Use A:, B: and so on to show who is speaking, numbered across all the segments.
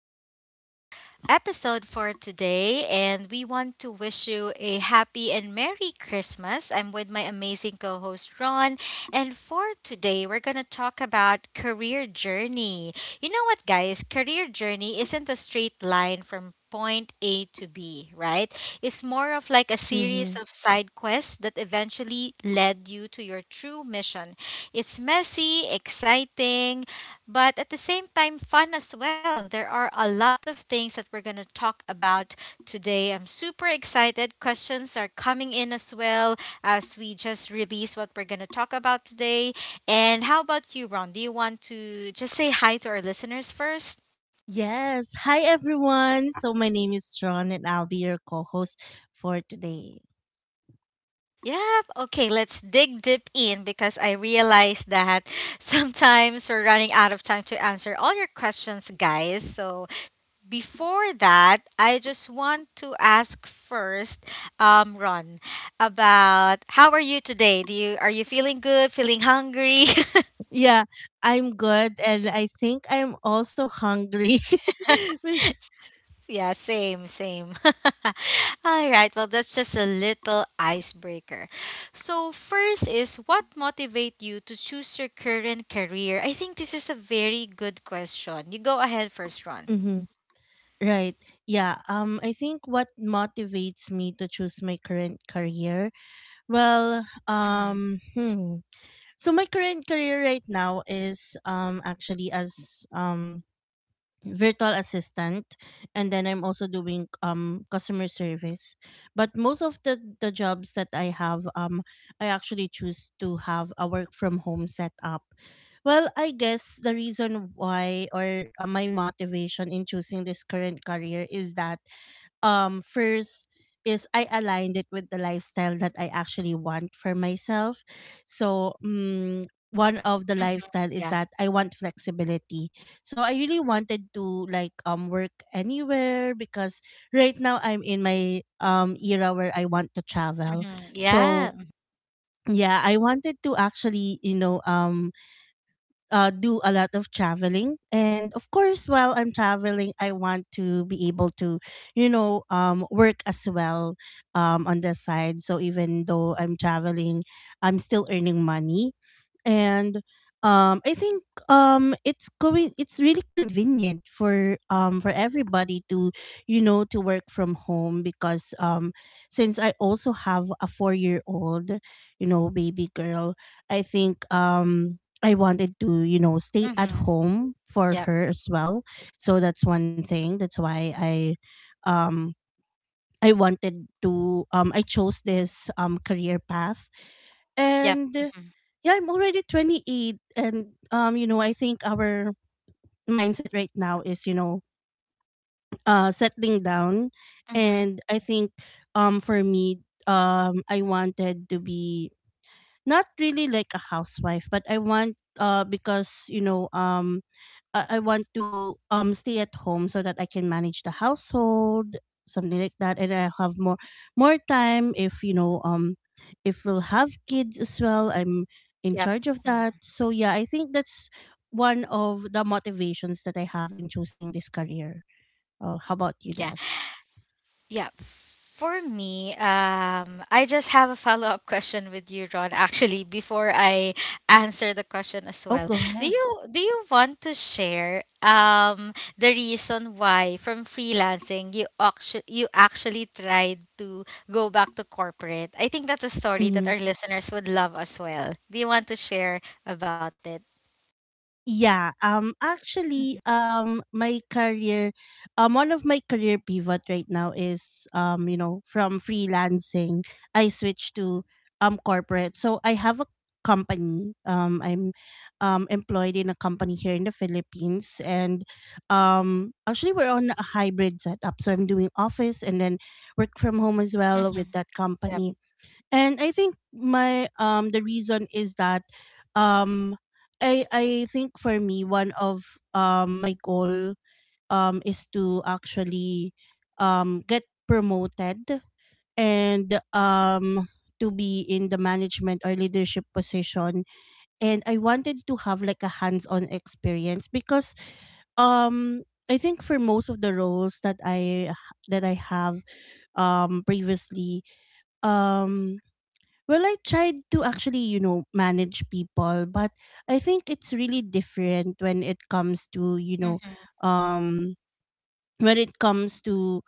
A: back to our episode for today. And we want to wish you a happy and Merry Christmas. I'm with my amazing co host, Ron. And for today, we're going to talk about career journey. You know what, guys? Career journey isn't a straight line from point A to B, right? It's more of like a
B: Mm-hmm.
A: series of side quests that eventually led you to your true mission. It's messy, exciting, but at the same time fun as well. There are a lot of things that we're going to talk about today. I'm super excited. Questions are coming in as well as we just release what we're going to talk about today. And how about you, Ron? Do you want to just say hi to our listeners first?
B: Yes. Hi, everyone. My name is John, and I'll be your co host for today.
A: Yep. Okay, let's dig deep in because I realize that sometimes we're running out of time to answer all your questions, guys. So before that, I just want to ask first, Ron, about how are you today? Do you Are you feeling good? Feeling hungry?
B: Yeah, I'm good, and I think I'm also hungry. be-
A: Yeah, same, same. All right. Well, that's just a little icebreaker. So first is what motivate you to choose your current career? I think this is a very good question. You go ahead first, Ron.
B: Mm-hmm. Right. Yeah. I think what motivates me to choose my current career. Well.
A: Mm-hmm.
B: Um. Hmm. So my current career right now is actually as um virtual assistant, and then I'm also doing customer service, but most of the jobs that I have, I actually choose to have a work from home setup. Well, I guess the reason why or my motivation in choosing this current career is that, first, is I aligned it with the lifestyle that I actually want for myself. So, one of the
A: Mm-hmm.
B: lifestyle is
A: Yeah.
B: that I want flexibility. So I really wanted to like work anywhere, because right now I'm in my era where I want to travel.
A: Mm-hmm.
B: So
A: Yeah.
B: yeah, I wanted to actually, do a lot of traveling, and of course, while I'm traveling, I want to be able to, work as well on the side. So even though I'm traveling, I'm still earning money. And I think it's really convenient for, for everybody to, you know, to work from home, because since I also have a 4-year old, you know, baby girl, I think, I wanted to, you know, stay at
A: Mm-hmm.
B: home for
A: Yep.
B: her as well. So that's one thing. That's why I, um I wanted to, I chose this career path.
A: Yep.
B: And yeah, I'm already 28, and you know, I think our mindset right now is, you know, settling down.
A: Mhm.
B: And I think, for me, I wanted to be, not really like a housewife, but I want, because you know, um, I want to stay at home so that I can manage the household, something like that, and I have more time if, you know, if we'll have kids as well. I'm
A: Yep.
B: in charge of
A: Mhm.
B: that. So yeah, I think that's one of the motivations that I have in choosing this career. Oh, how about
A: Mhm.
B: you,
A: Yeah.
B: Des?
A: Yeah. For me, I just have a follow up question with you, Ron. Actually, before I answer the question as
B: Oh,
A: well,
B: go
A: do
B: ahead.
A: you do you want to share the reason why from freelancing you actually tried to go back to corporate? I think that's a story that
B: Mm-hmm.
A: our listeners would love as well. Do you want to share about it?
B: Yeah,
A: Mhm.
B: actually, my career, one of my career pivot right now is, you know, from freelancing I switched to corporate. So I have a company. I'm employed in a company here in the Philippines, and actually we're on a hybrid setup. So I'm doing office and then work from home as well
A: Mhm.
B: with that
A: Yep.
B: company. And I think my, the reason is that, um, I think for me, one of my goal, is to actually get promoted and to be in the management or leadership position. And I wanted to have like a hands-on experience, because um I think for most of the roles that I, that I have previously, um well, I tried to actually, you know, manage people, but I think it's really different when it comes to, you know,
A: Mhm.
B: um when it comes to,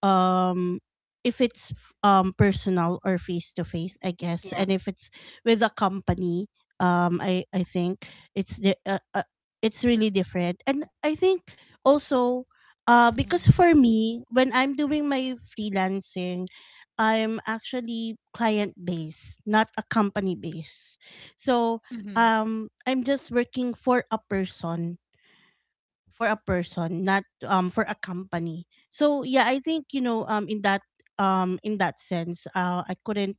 B: um if it's personal or face to face, I guess,
A: Yep.
B: and if it's with a company, um, I think it's the it's really different. And I think also, because for me, when I'm doing my freelancing, I'm actually client based, not a company based. So
A: Mhm.
B: I'm just working for a person, for a person, not for a company. So yeah, I think, you know, in that, in that sense, I couldn't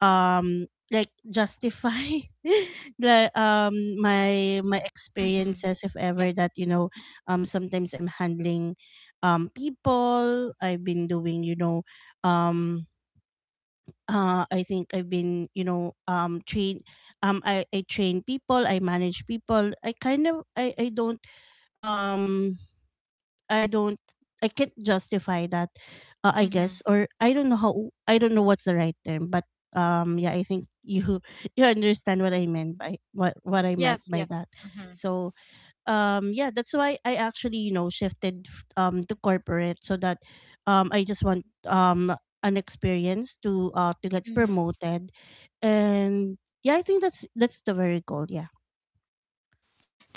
B: like justify the, my
A: Mhm.
B: experiences if
A: Yep.
B: ever that, you know, sometimes I'm handling people, I've been doing, you know, um I think I've been, you know, train, um, I train people, I manage people, I kind of, I don't, um I don't, I can't justify that, I guess,
A: Mhm.
B: or I don't know how. I don't know what's the right term, but yeah, I think you you understand what I meant by what I meant
A: Yep,
B: by
A: yep.
B: that.
A: Mhm.
B: So yeah, that's why I actually, you know, shifted to corporate, so that, I just want an experience to, to get
A: Mhm.
B: promoted. And yeah, I think that's the very goal, yeah.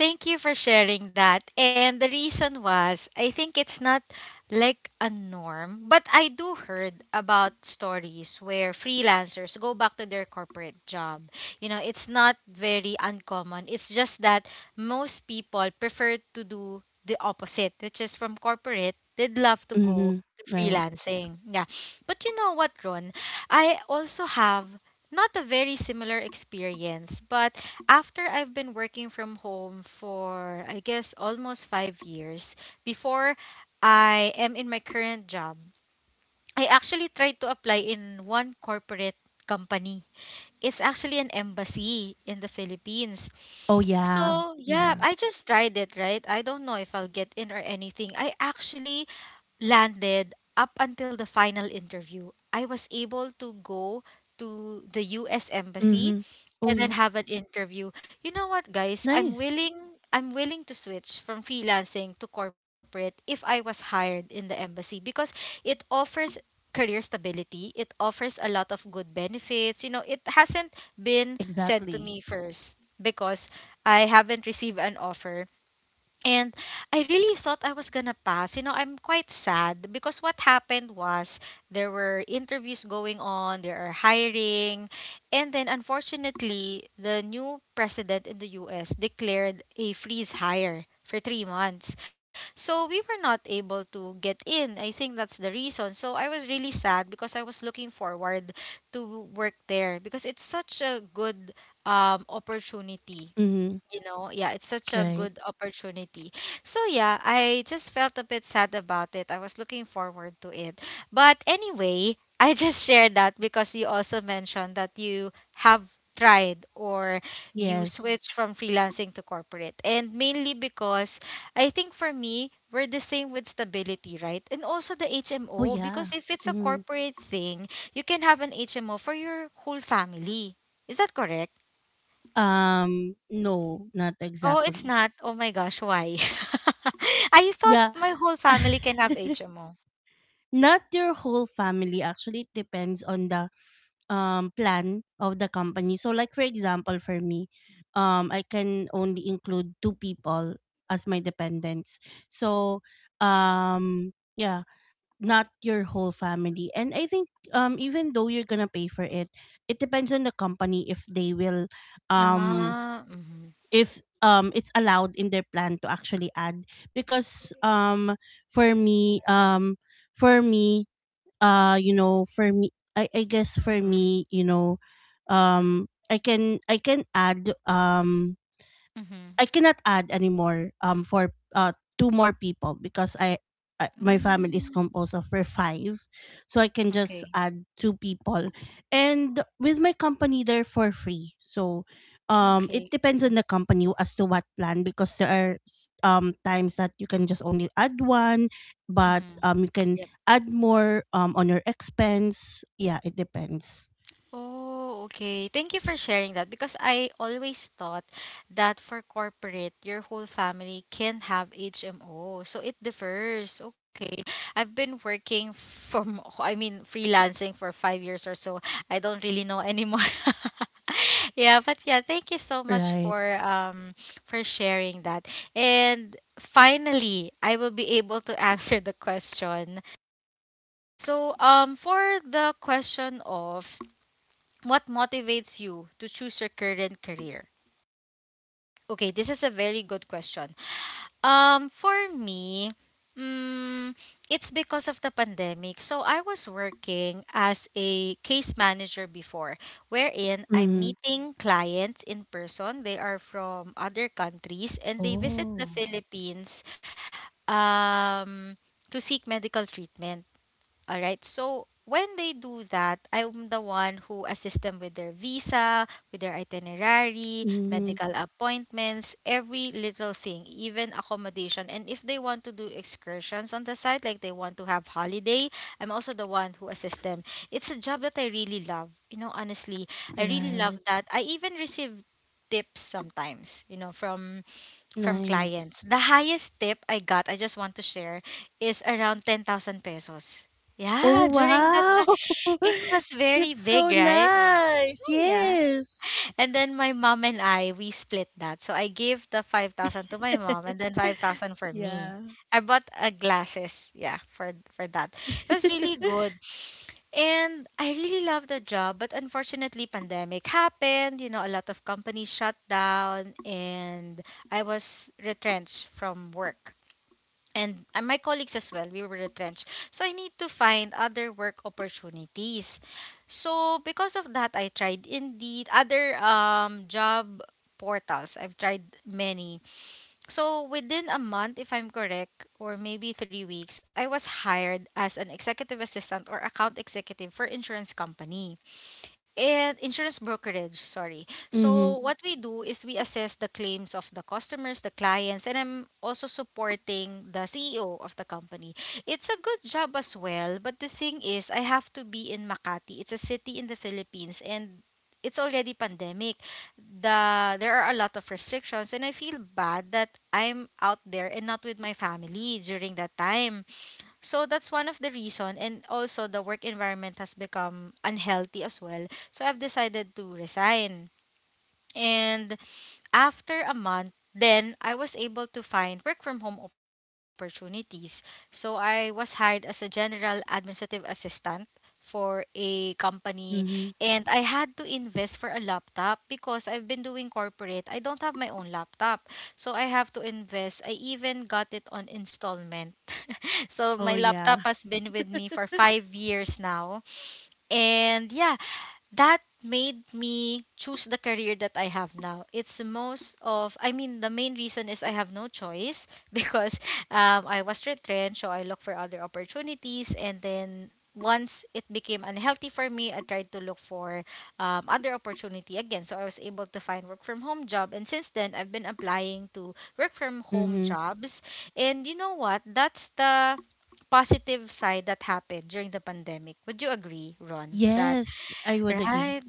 A: Thank you for sharing that. And the reason was, I think it's not like a norm, but I do heard about stories where freelancers go back to their corporate job. You know, it's not very uncommon. It's just that most people prefer to do the opposite, which is from corporate, they'd love to go
B: Mhm.
A: to
B: Right.
A: freelancing. Yeah. But you know what, Ron? I also have not a very similar experience, but after I've been working from home for, I guess, almost 5 years, before I am in my current job, I actually tried to apply in one corporate company. It's actually an embassy in the Philippines.
B: Oh, yeah.
A: So, yeah,
B: Yeah.
A: I just tried it, right? I don't know if I'll get in or anything. I actually landed up until the final interview, I was able to go to the US embassy
B: Mhm. Oh,
A: and
B: yeah.
A: then have an interview. You know what, guys?
B: Nice.
A: I'm willing to switch from freelancing to corporate if I was hired in the embassy because it offers career stability. It offers a lot of good benefits. You know, it hasn't been said to
B: Exactly.
A: me first because I haven't received an offer and I really thought I was gonna pass. You know, I'm quite sad because what happened was there were interviews going on, there are hiring, and then unfortunately, the new president in the US declared a freeze hire for 3 months. So we were not able to get in. I think that's the reason. So I was really sad because I was looking forward to work there because it's such a good opportunity.
B: Mhm.
A: You know, yeah, it's such a
B: Right.
A: good opportunity. So yeah, I just felt a bit sad about it. I was looking forward to it, but anyway, I just shared that because you also mentioned that you have tried or you
B: Yes.
A: switched from freelancing to corporate, and mainly because I think for me we're the same with stability, right? And also the
B: Oh,
A: hmo,
B: yeah.
A: because if it's a
B: Mhm.
A: corporate thing, you can have an hmo for your whole family. Is that correct?
B: No, not
A: Oh, it's
B: exactly.
A: not. Oh my gosh, why? I thought
B: Yeah.
A: my whole family can have HMO.
B: Not your whole family. Actually, it depends on the, plan of the company. So like for example, for me, I can only include two people as my dependents. So yeah, not your whole family. And I think, even though you're gonna pay for it, it depends on the company if they will, um,
A: Ah, mm-hmm.
B: if it's allowed in their plan to actually add, because for me, for me you know for me I guess for
A: Mm-hmm.
B: me, you know, um, I can, I can add,
A: Mm-hmm.
B: I cannot add anymore, for, two more people, because I, my family
A: Mm,
B: is composed of, we're five, so I can just
A: okay.
B: add two people, and with my company they're for free. So,
A: Okay.
B: it depends on
A: Mm-hmm.
B: the company as to what plan, because there are times that you can just only add one, but
A: Mm-hmm.
B: you can add more on your expense. Yeah, it depends.
A: Oh, okay. Thank you for sharing that because I always thought that for corporate, your whole family can have HMO. So it differs. Okay. I've been working from, I mean, freelancing for 5 years or so. I don't really know anymore. Yeah, but yeah, thank you so much
B: Right.
A: for sharing that. And finally, I will be able to answer the question. So, for the question of what motivates you to choose your current career? Okay, this is a very good question. For me, mm, it's because of the pandemic. So I was working as a case manager before, wherein I'm
B: Mm.
A: meeting clients in person. They are from other countries and they visit
B: Oh,
A: the Philippines um, to seek medical treatment. All right. So when they do that, I'm the one who assists them with their visa, with their itinerary,
B: mm,
A: medical appointments, every little thing, even accommodation. And if they want to do excursions on the side, like they want to have holiday, I'm also the one who assists them. It's a job that I really love. You know, honestly, I really love
B: right.
A: that. I even receive tips sometimes, you know, from
B: Nice.
A: clients. The highest tip I got, I just want to share, is around 10,000 pesos. Yeah,
B: Oh,
A: during that time,
B: wow!
A: it was very
B: That's so
A: big, right?
B: nice.
A: Yeah.
B: Yes.
A: And then my mom and I, we split that. So I gave the 5,000 to my mom and then 5,000 for me.
B: Yeah.
A: I bought a glasses, yeah, for that. It was really good. And I really love the job, but unfortunately pandemic happened, you know, a lot of companies shut down and I was retrenched from work and my colleagues as well, we were retrenched, so I need to find other work opportunities. So because of that, I tried Indeed, other job portals. I've tried many. So within a month, if I'm correct, or maybe 3 weeks, I was hired as an executive assistant or account executive for insurance company and insurance brokerage, sorry.
B: Mhm,
A: So what we do is we assess the claims of the customers, the clients, and I'm also supporting the CEO of the company. It's a good job as well, but the thing is I have to be in Makati. It's a city in the Philippines, and it's already pandemic. There are a lot of restrictions and I feel bad that I'm out there and not with my family during that time. So that's one of the reason, and also the work environment has become unhealthy as well. So I've decided to resign. And after a month, then I was able to find work from home opportunities. So I was hired as a general administrative assistant for a company
B: mhm.
A: and I had to invest for a laptop because I've been doing corporate. I don't have my own laptop. So I have to invest. I even got it on installment. So
B: Oh,
A: my
B: yeah.
A: laptop has been with me for 5 years now. And yeah, that made me choose the career that I have now. It's most of, I mean, the main reason is I have no choice because I was retrenched, so I looked for other opportunities. And then once it became unhealthy for me, I tried to look for other opportunity again. So I was able to find work from home job. And since then, I've been applying to work from home
B: Mhm.
A: jobs. And you know what? That's the positive side that happened during the pandemic. Would you agree, Ron, that
B: Yes, I would agree.
A: Right,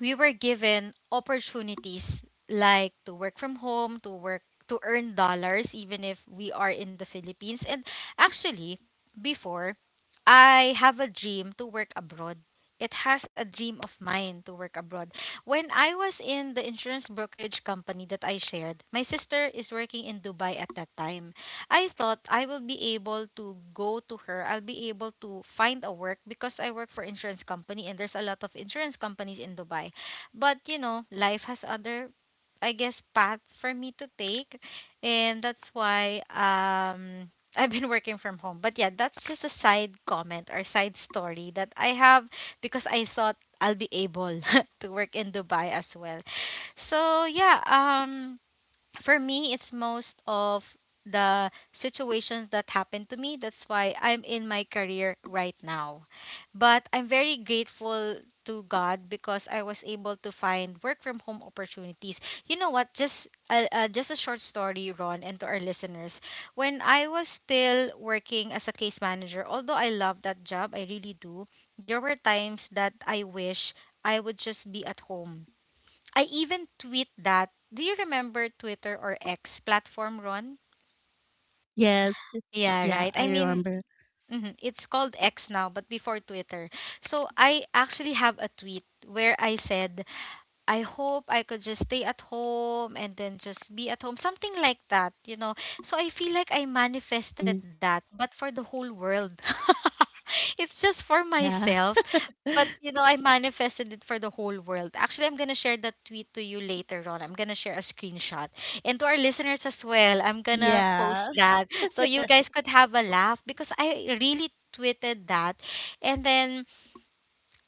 A: we were given opportunities like to work from home, to work to earn dollars even if we are in the Philippines. And actually, before I have a dream to work abroad. It has a dream of mine to work abroad. When I was in the insurance brokerage company that I shared, my sister is working in Dubai at that time. I thought I will be able to go to her. I'll be able to find a work because I work for insurance company and there's a lot of insurance companies in Dubai. But you know, life has other I guess path for me to take and that's why I've been working from home. But yeah, that's just a side comment or side story that I have because I thought I'll be able to work in Dubai as well. So yeah, for me it's most of the situations that happened to me, that's why I'm in my career right now, but I'm very grateful to God because I was able to find work from home opportunities. You know what, just a short story, Ron, and to our listeners, when I was still working as a case manager, although I love that job, I really do, there were times that I wish I would just be at home. I even tweet that. Do you remember Twitter or X
B: Yes.
A: platform, Ron?
B: Yeah, I remember.
A: Yeah, right. It's called X now, but before Twitter. So I actually have a tweet where I said, I hope I could just stay at home and then just be at home, something like that. So I feel like I
B: Mm.
A: manifested that, but for the whole world. It's just for
B: Yeah.
A: myself, but I manifested it for the whole world. Actually, I'm gonna share that tweet to you later on. I'm gonna share a screenshot. And to our listeners as well, I'm gonna
B: Yeah.
A: post that so you guys could have a laugh because I really tweeted that. And then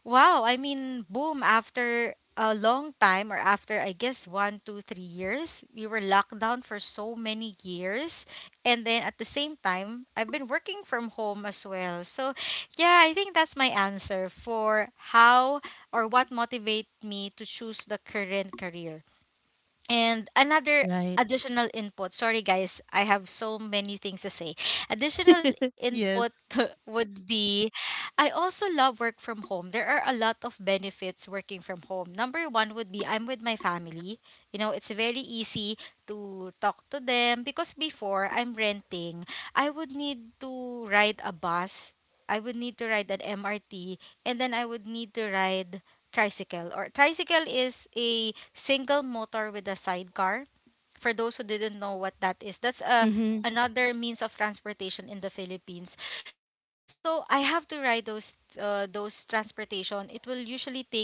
A: wow, I mean, boom, after a long time, or after I guess one, two, 3 years, we were locked down for so many years. And then at the same time, I've been working from home as well. So, yeah, I think that's my answer for how or what motivates me to choose the current career. And another
B: Right.
A: additional input. Sorry, guys, I have so many things to say. Additional input
B: Yes.
A: would be, I also love work from home. There are a lot of benefits working from home. Number one would be I'm with my family. You know, it's very easy to talk to them because before I'm renting, I would need to ride a bus. I would need to ride an MRT, and then I would need to ride tricycle, or tricycle is a single motor with a sidecar. For those who didn't know what that is, that's a
B: Mhm.
A: another means of transportation in the Philippines. So I have to ride those, those transportation. It will usually take me,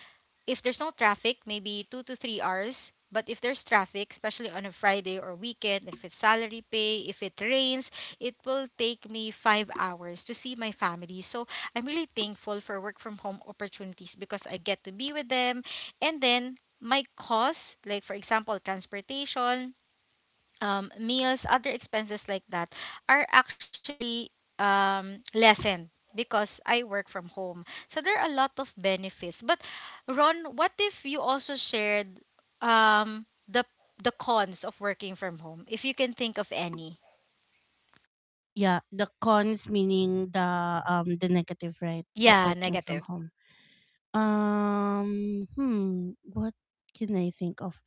A: if there's no traffic, maybe 2 to 3 hours, but if there's traffic, especially on a Friday or weekend, if it's salary pay, if it rains, it will take me 5 hours to see my family. So I'm really thankful for work from home opportunities because I get to be with them. And then my costs, like for example, transportation, meals, other expenses like that, are actually lessened because I work from home. So there are a lot of benefits. But Ron, what if you also shared um, the the cons of working from home, if you can think of any?
B: Yeah, the cons, meaning the negative, right, of
A: Yeah,
B: working from
A: negative.
B: home. What can I think of?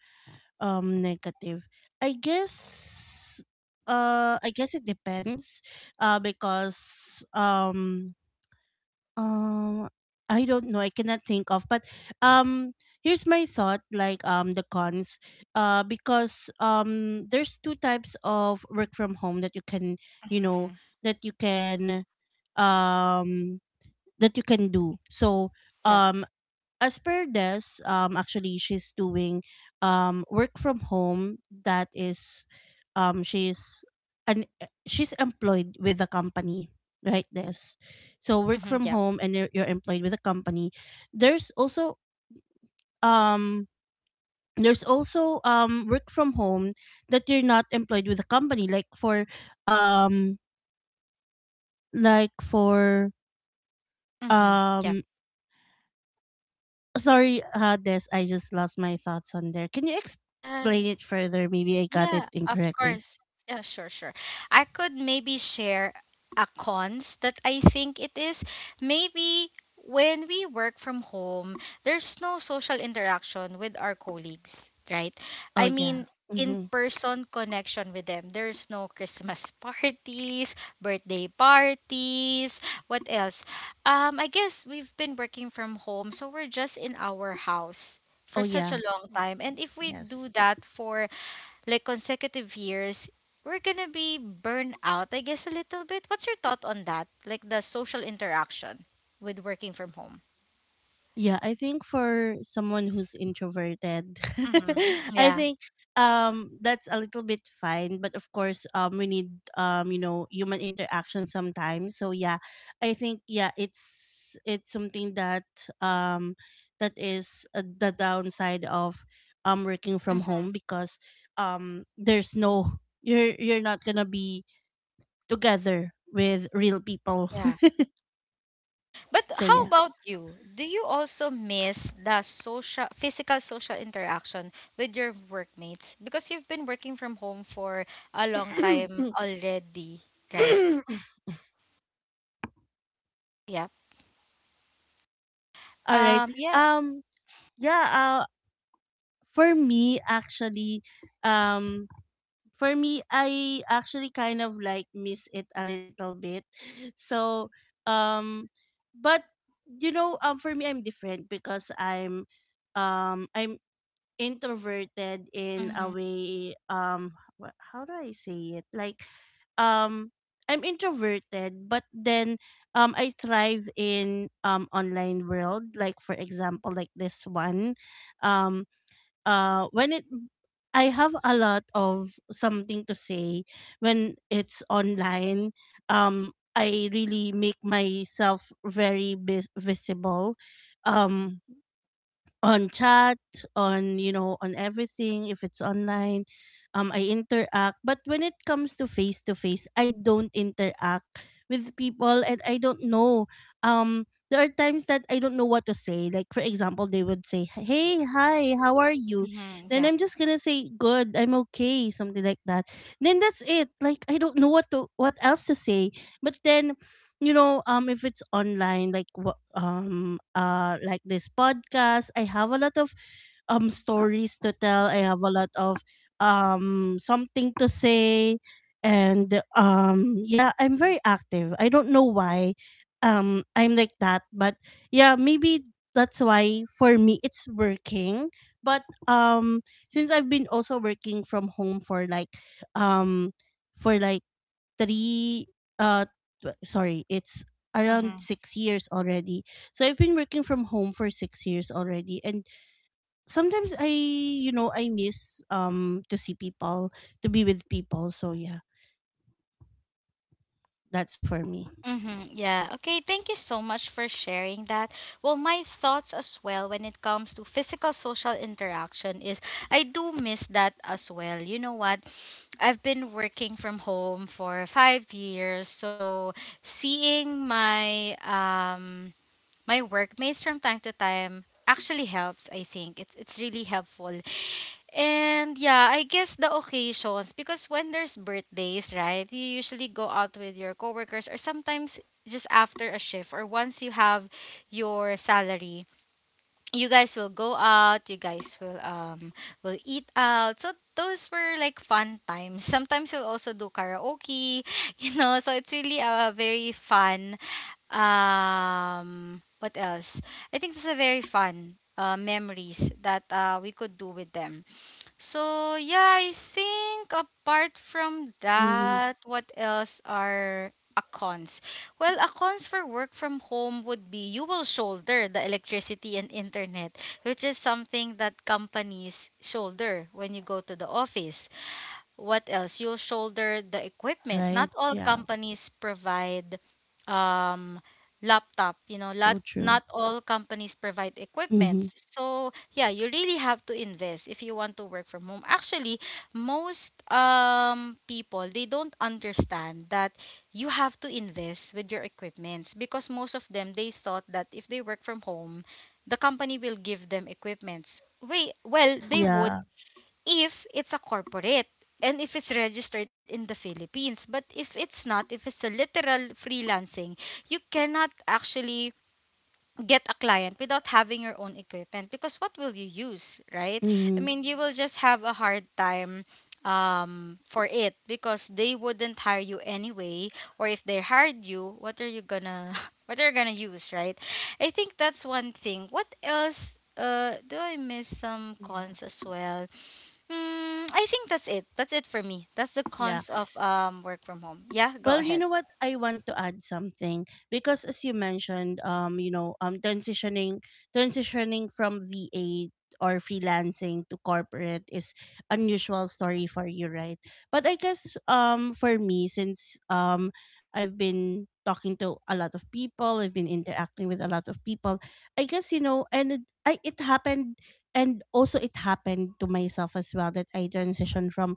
B: Negative, I guess, I guess it depends, because um I don't know, I cannot think of, but um here's my thought. Like the cons, because there's two types of work from home that you can, you know,
A: Hmm.
B: that you can um that you can do. So
A: Yeah.
B: um as per Des, actually, she's doing work from home. That is, she's she's employed with the company, right, Des? So work
A: Hmm.
B: from
A: Yeah.
B: home and you're employed with a company. There's also, um there's also, work from home that you're not employed with a company, um like for
A: Hmm. Yeah.
B: um sorry, Des, I just lost my thoughts on there. Can you
A: Yeah.
B: explain it further? Maybe I got it
A: Yeah, of
B: incorrectly.
A: course. Yeah, sure, sure. I could maybe share a cons that I think it is. Maybe when we work from home, there's no social interaction with our colleagues, right?
B: Oh
A: I
B: yeah.
A: mean, in
B: Mm-hmm.
A: person connection with them. There's no Christmas parties, birthday parties, what else? I guess we've been working from home, so we're just in our house for
B: Oh
A: such a
B: yeah.
A: long time. And if we do
B: Yes.
A: that for like consecutive years, we're gonna be burned out, I guess, a little bit. What's your thought on that? Like the social interaction with working from home?
B: Yeah, I think for someone who's introverted,
A: Mm-hmm.
B: I
A: Yeah.
B: think that's a little bit fine, but of course, we need, you know, human interaction sometimes. So yeah, I think, yeah, it's something that um that is, the downside of working from
A: Mm-hmm.
B: home, because there's no, you're not going to be together with real people.
A: Yeah. But
B: So
A: how
B: yeah.
A: about you? Do you also miss the social, physical social interaction with your workmates? Because you've been working from home for a long time already, right? Yeah.
B: All right.
A: Yeah.
B: Um Yeah, uh, for me, actually, um, for me, I actually kind of like miss it a little bit. So, um, but you know, for me, I'm different because I'm introverted in a
A: Mm-hmm.
B: way. How do I say it? Like um I'm introverted, but then I thrive in online world. Like for example, like this one, um when it, I have a lot of something to say when it's online. I really make myself very visible. Um on chat, on, you know, on everything if it's online. I interact, but when it comes to face, I don't interact with people, and I don't know. There are times that I don't know what to say. Like for example, they would say, "Hey, hi, how are you?"
A: Mm-hmm.
B: Then
A: Yeah.
B: I'm just going to say, "Good, I'm okay," something like that. Then that's it. Like I don't know what to what else to say. But then, you know, if it's online, like like this podcast, I have a lot of stories to tell, I have a lot of something to say. And yeah, I'm very active, I don't know why I'm like that. But yeah, maybe that's why for me it's working. But since I've been also working from home um for like three, uh sorry, it's around
A: Mm-hmm.
B: 6 years already. So I've been working from home for 6 years already, and sometimes I, you know, I miss, to see people, to be with people. So yeah, that's for me.
A: Mm-hmm. Yeah. Okay. Thank you so much for sharing that. Well, my thoughts as well when it comes to physical social interaction is I do miss that as well. You know what? I've been working from home for 5 years, so seeing my my workmates from time to time actually helps. I think it's really helpful. And yeah, I guess the occasions, because when there's birthdays, right? You usually go out with your coworkers, or sometimes just after a shift or once you have your salary, you guys will go out, you guys will eat out. So those were like fun times. Sometimes you'll also do karaoke, you know, so it's really a very fun, what else? I think this is a very fun memories that we could do with them. So yeah, I think apart from
B: Hmm.
A: that, what else are a cons? Well, a cons for work from home would be you will shoulder the electricity and internet, which is something that companies shoulder when you go to the office. What else? You'll shoulder the equipment.
B: Right.
A: Not all
B: Yeah.
A: companies provide um, laptop. You know,
B: So true.
A: not all companies provide equipment.
B: Mm-hmm.
A: So yeah, you really have to invest if you want to work from home. Actually, most people, they don't understand that you have to invest with your equipments, because most of them, they thought that if they work from home, the company will give them equipments. Wait, well, they would,
B: Yeah.
A: if it's a corporate and if it's registered in the Philippines. But if it's not, if it's a literal freelancing, you cannot actually get a client without having your own equipment, because what will you use, right? I
B: Mm-hmm.
A: mean, you will just have a hard time for it, because they wouldn't hire you anyway, or if they hired you, what are you gonna what are you gonna use, right? I think that's one thing. What else? Do I miss some
B: Yeah.
A: cons as well? Mm, I think that's it. That's it for me. That's the
B: Yeah.
A: cons of work from home. Yeah, go
B: Well, you
A: ahead.
B: know what? I want to add something, because as you mentioned, you know, um, transitioning from VA or freelancing to corporate is unusual story for you, right? But I guess for me since I've been talking to a lot of people, I've been interacting with a lot of people. I guess you know and it- I it happened, and also it happened to myself as well that I transitioned from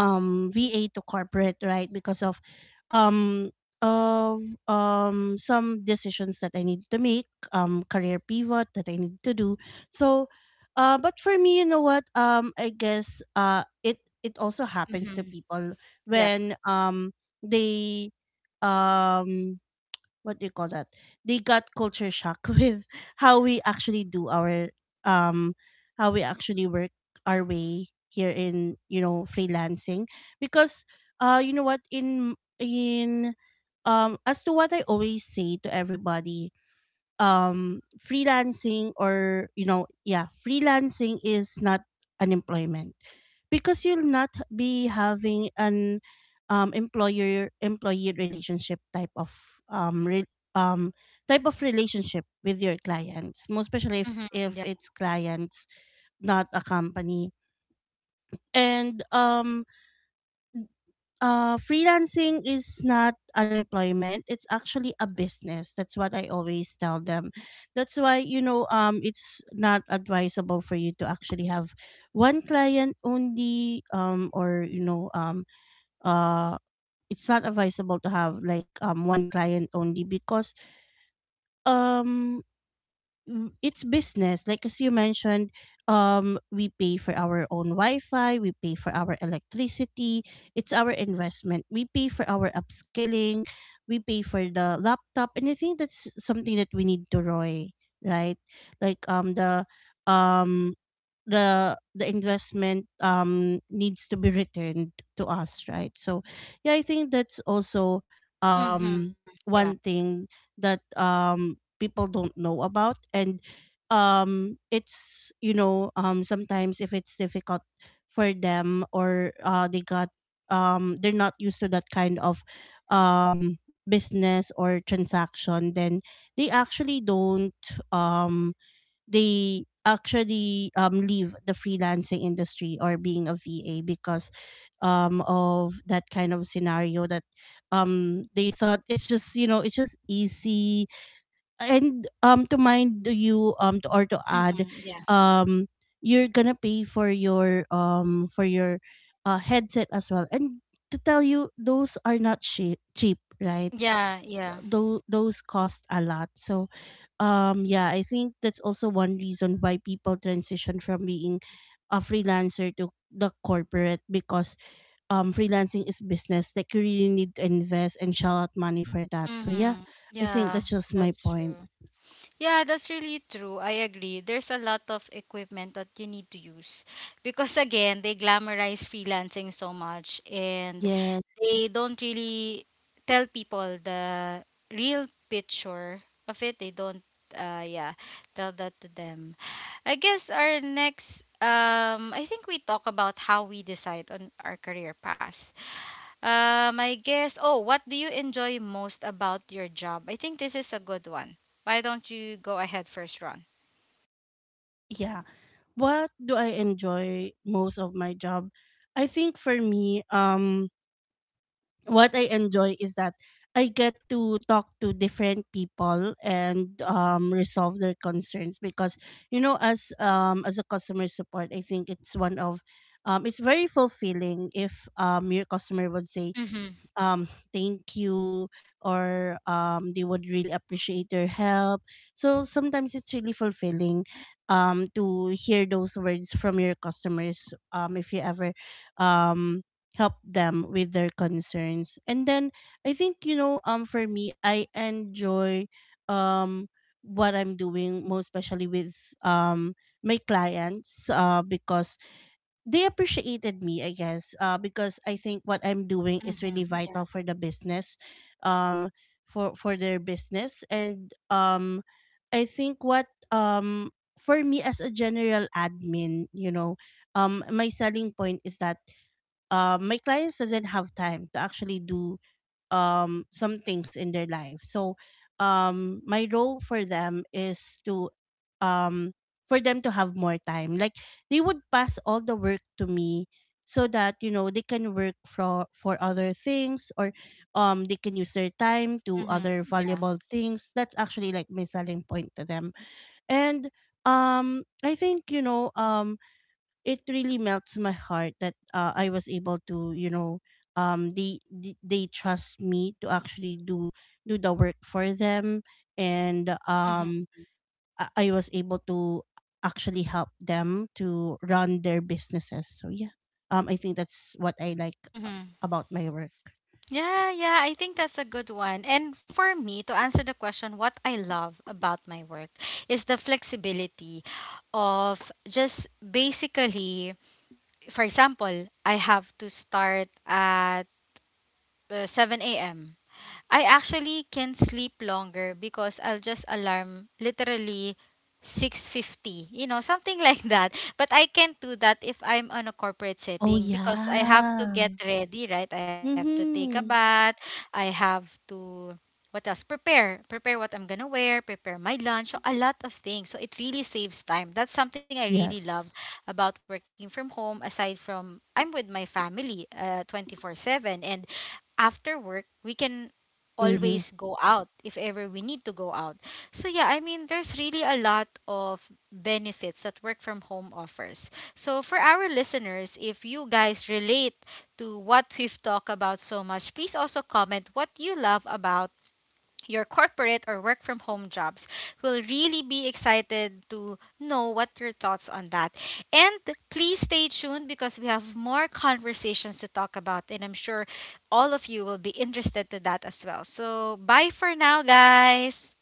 B: VA to corporate, right? Because of um of um some decisions that I need to make, career pivot that I need to do. So but for me, you know what? I guess it also happens to
A: Mm-hmm.
B: people
A: Yep.
B: when they um what do you call that? They got culture shock with how we actually do our um how we actually work our way here in, you know, freelancing. Because you know what, in as to what I always say to everybody, freelancing, or you know, yeah, freelancing is not unemployment, because you'll not be having an employer employee relationship, type of um re- um type of relationship with your clients, most especially if
A: Mm-hmm.
B: if
A: Yeah.
B: it's clients, not a company. And Freelancing is not unemployment, it's actually a business. That's what I always tell them. That's why, you know, it's not advisable for you to actually have one client only, or you know uh it's not advisable to have like one client only, because um it's business. Like as you mentioned, we pay for our own wi-fi, we pay for our electricity, it's our investment, we pay for our upskilling, we pay for the laptop, and I think that's something that we need to roy, right? Like um the investment needs to be returned to us, right? So yeah, I think that's also
A: Mm-hmm.
B: um
A: Yeah.
B: one thing that people don't know about. And it's, you know, sometimes if it's difficult for them, or they're not used to that kind of um business or transaction, then they actually don't um they actually leave the freelancing industry or being a VA, because of that kind of scenario, that they thought it's just, you know, it's just easy. And to mind you, to, or to
A: Mm-hmm.
B: add,
A: Yeah.
B: um you're gonna pay for your headset as well, and to tell you, those are not cheap cheap, right?
A: Yeah. Yeah.
B: Those cost a lot. So yeah, I think that's also one reason why people transition from being a freelancer to the corporate, because freelancing is business, like you really need to invest and shell out money for that. So yeah,
A: Mm-hmm.
B: I think
A: Yeah.
B: that's just my
A: That's
B: point.
A: true. Yeah, that's really true. I agree. There's a lot of equipment that you need to use, because again, they glamorize freelancing so much and
B: Yes.
A: they don't really tell people the real picture of it. They don't, yeah, tell that to them. I guess our next, I think we talk about how we decide on our career path. I guess. Oh, what do you enjoy most about your job? I think this is a good one. Why don't you go ahead first, Ron?
B: Yeah. What do I enjoy most of my job? I think for me, what I enjoy is that I get to talk to different people and resolve their concerns, because you know, as a customer support, I think it's one of it's very fulfilling if your customer would say
A: Mm-hmm.
B: um thank you, or they would really appreciate your help. So sometimes it's really fulfilling to hear those words from your customers, if you ever um help them with their concerns. And then I think, you know, for me I enjoy um what I'm doing, most especially with um my clients, because they appreciated me, I guess, because I think what I'm doing is really
A: Mm-hmm. Yeah.
B: vital for the business, um for their business. And I think what for me as a general admin, you know, my selling point is that, my clients doesn't have time to actually do some things in their life. So my role for them is to um for them to have more time, like they would pass all the work to me, so that you know, they can work for other things, or they can use their time to
A: Mm-hmm.
B: other
A: Yeah.
B: valuable things. That's actually like my selling point to them. And I think you know, it really melts my heart that I was able to, you know, they they trust me to actually do do the work for them. and um,
A: Mm-hmm.
B: I, I was able to actually help them to run their businesses. So yeah, I think that's what I like a-
A: Mm-hmm.
B: about my work.
A: Yeah, yeah, I think that's a good one. And for me, to answer the question, what I love about my work is the flexibility of just basically, for example, I have to start at 7 a.m. I actually can sleep longer because I'll just alarm literally 6:50, you know, something like that. But I can't do that if I'm on a corporate
B: Oh
A: setting because I have to get
B: yeah.
A: ready, right? I have to take a
B: Mhm.
A: bath. I have to, what else? Prepare. Prepare what I'm gonna wear, prepare my lunch, so a lot of things. So it really saves time. That's something I really love
B: Yes.
A: about working from home, aside from I'm with my family 24-7, and after work we can
B: Mhm.
A: always go out if ever we need to go out. So yeah, I mean there's really a lot of benefits that work from home offers. So for our listeners, if you guys relate to what we've talked about so much, please also comment what you love about your corporate or work from home jobs. Will really be excited to know what your thoughts on that. And please stay tuned because we have more conversations to talk about and I'm sure all of you will be interested to that as well. So bye for now, guys.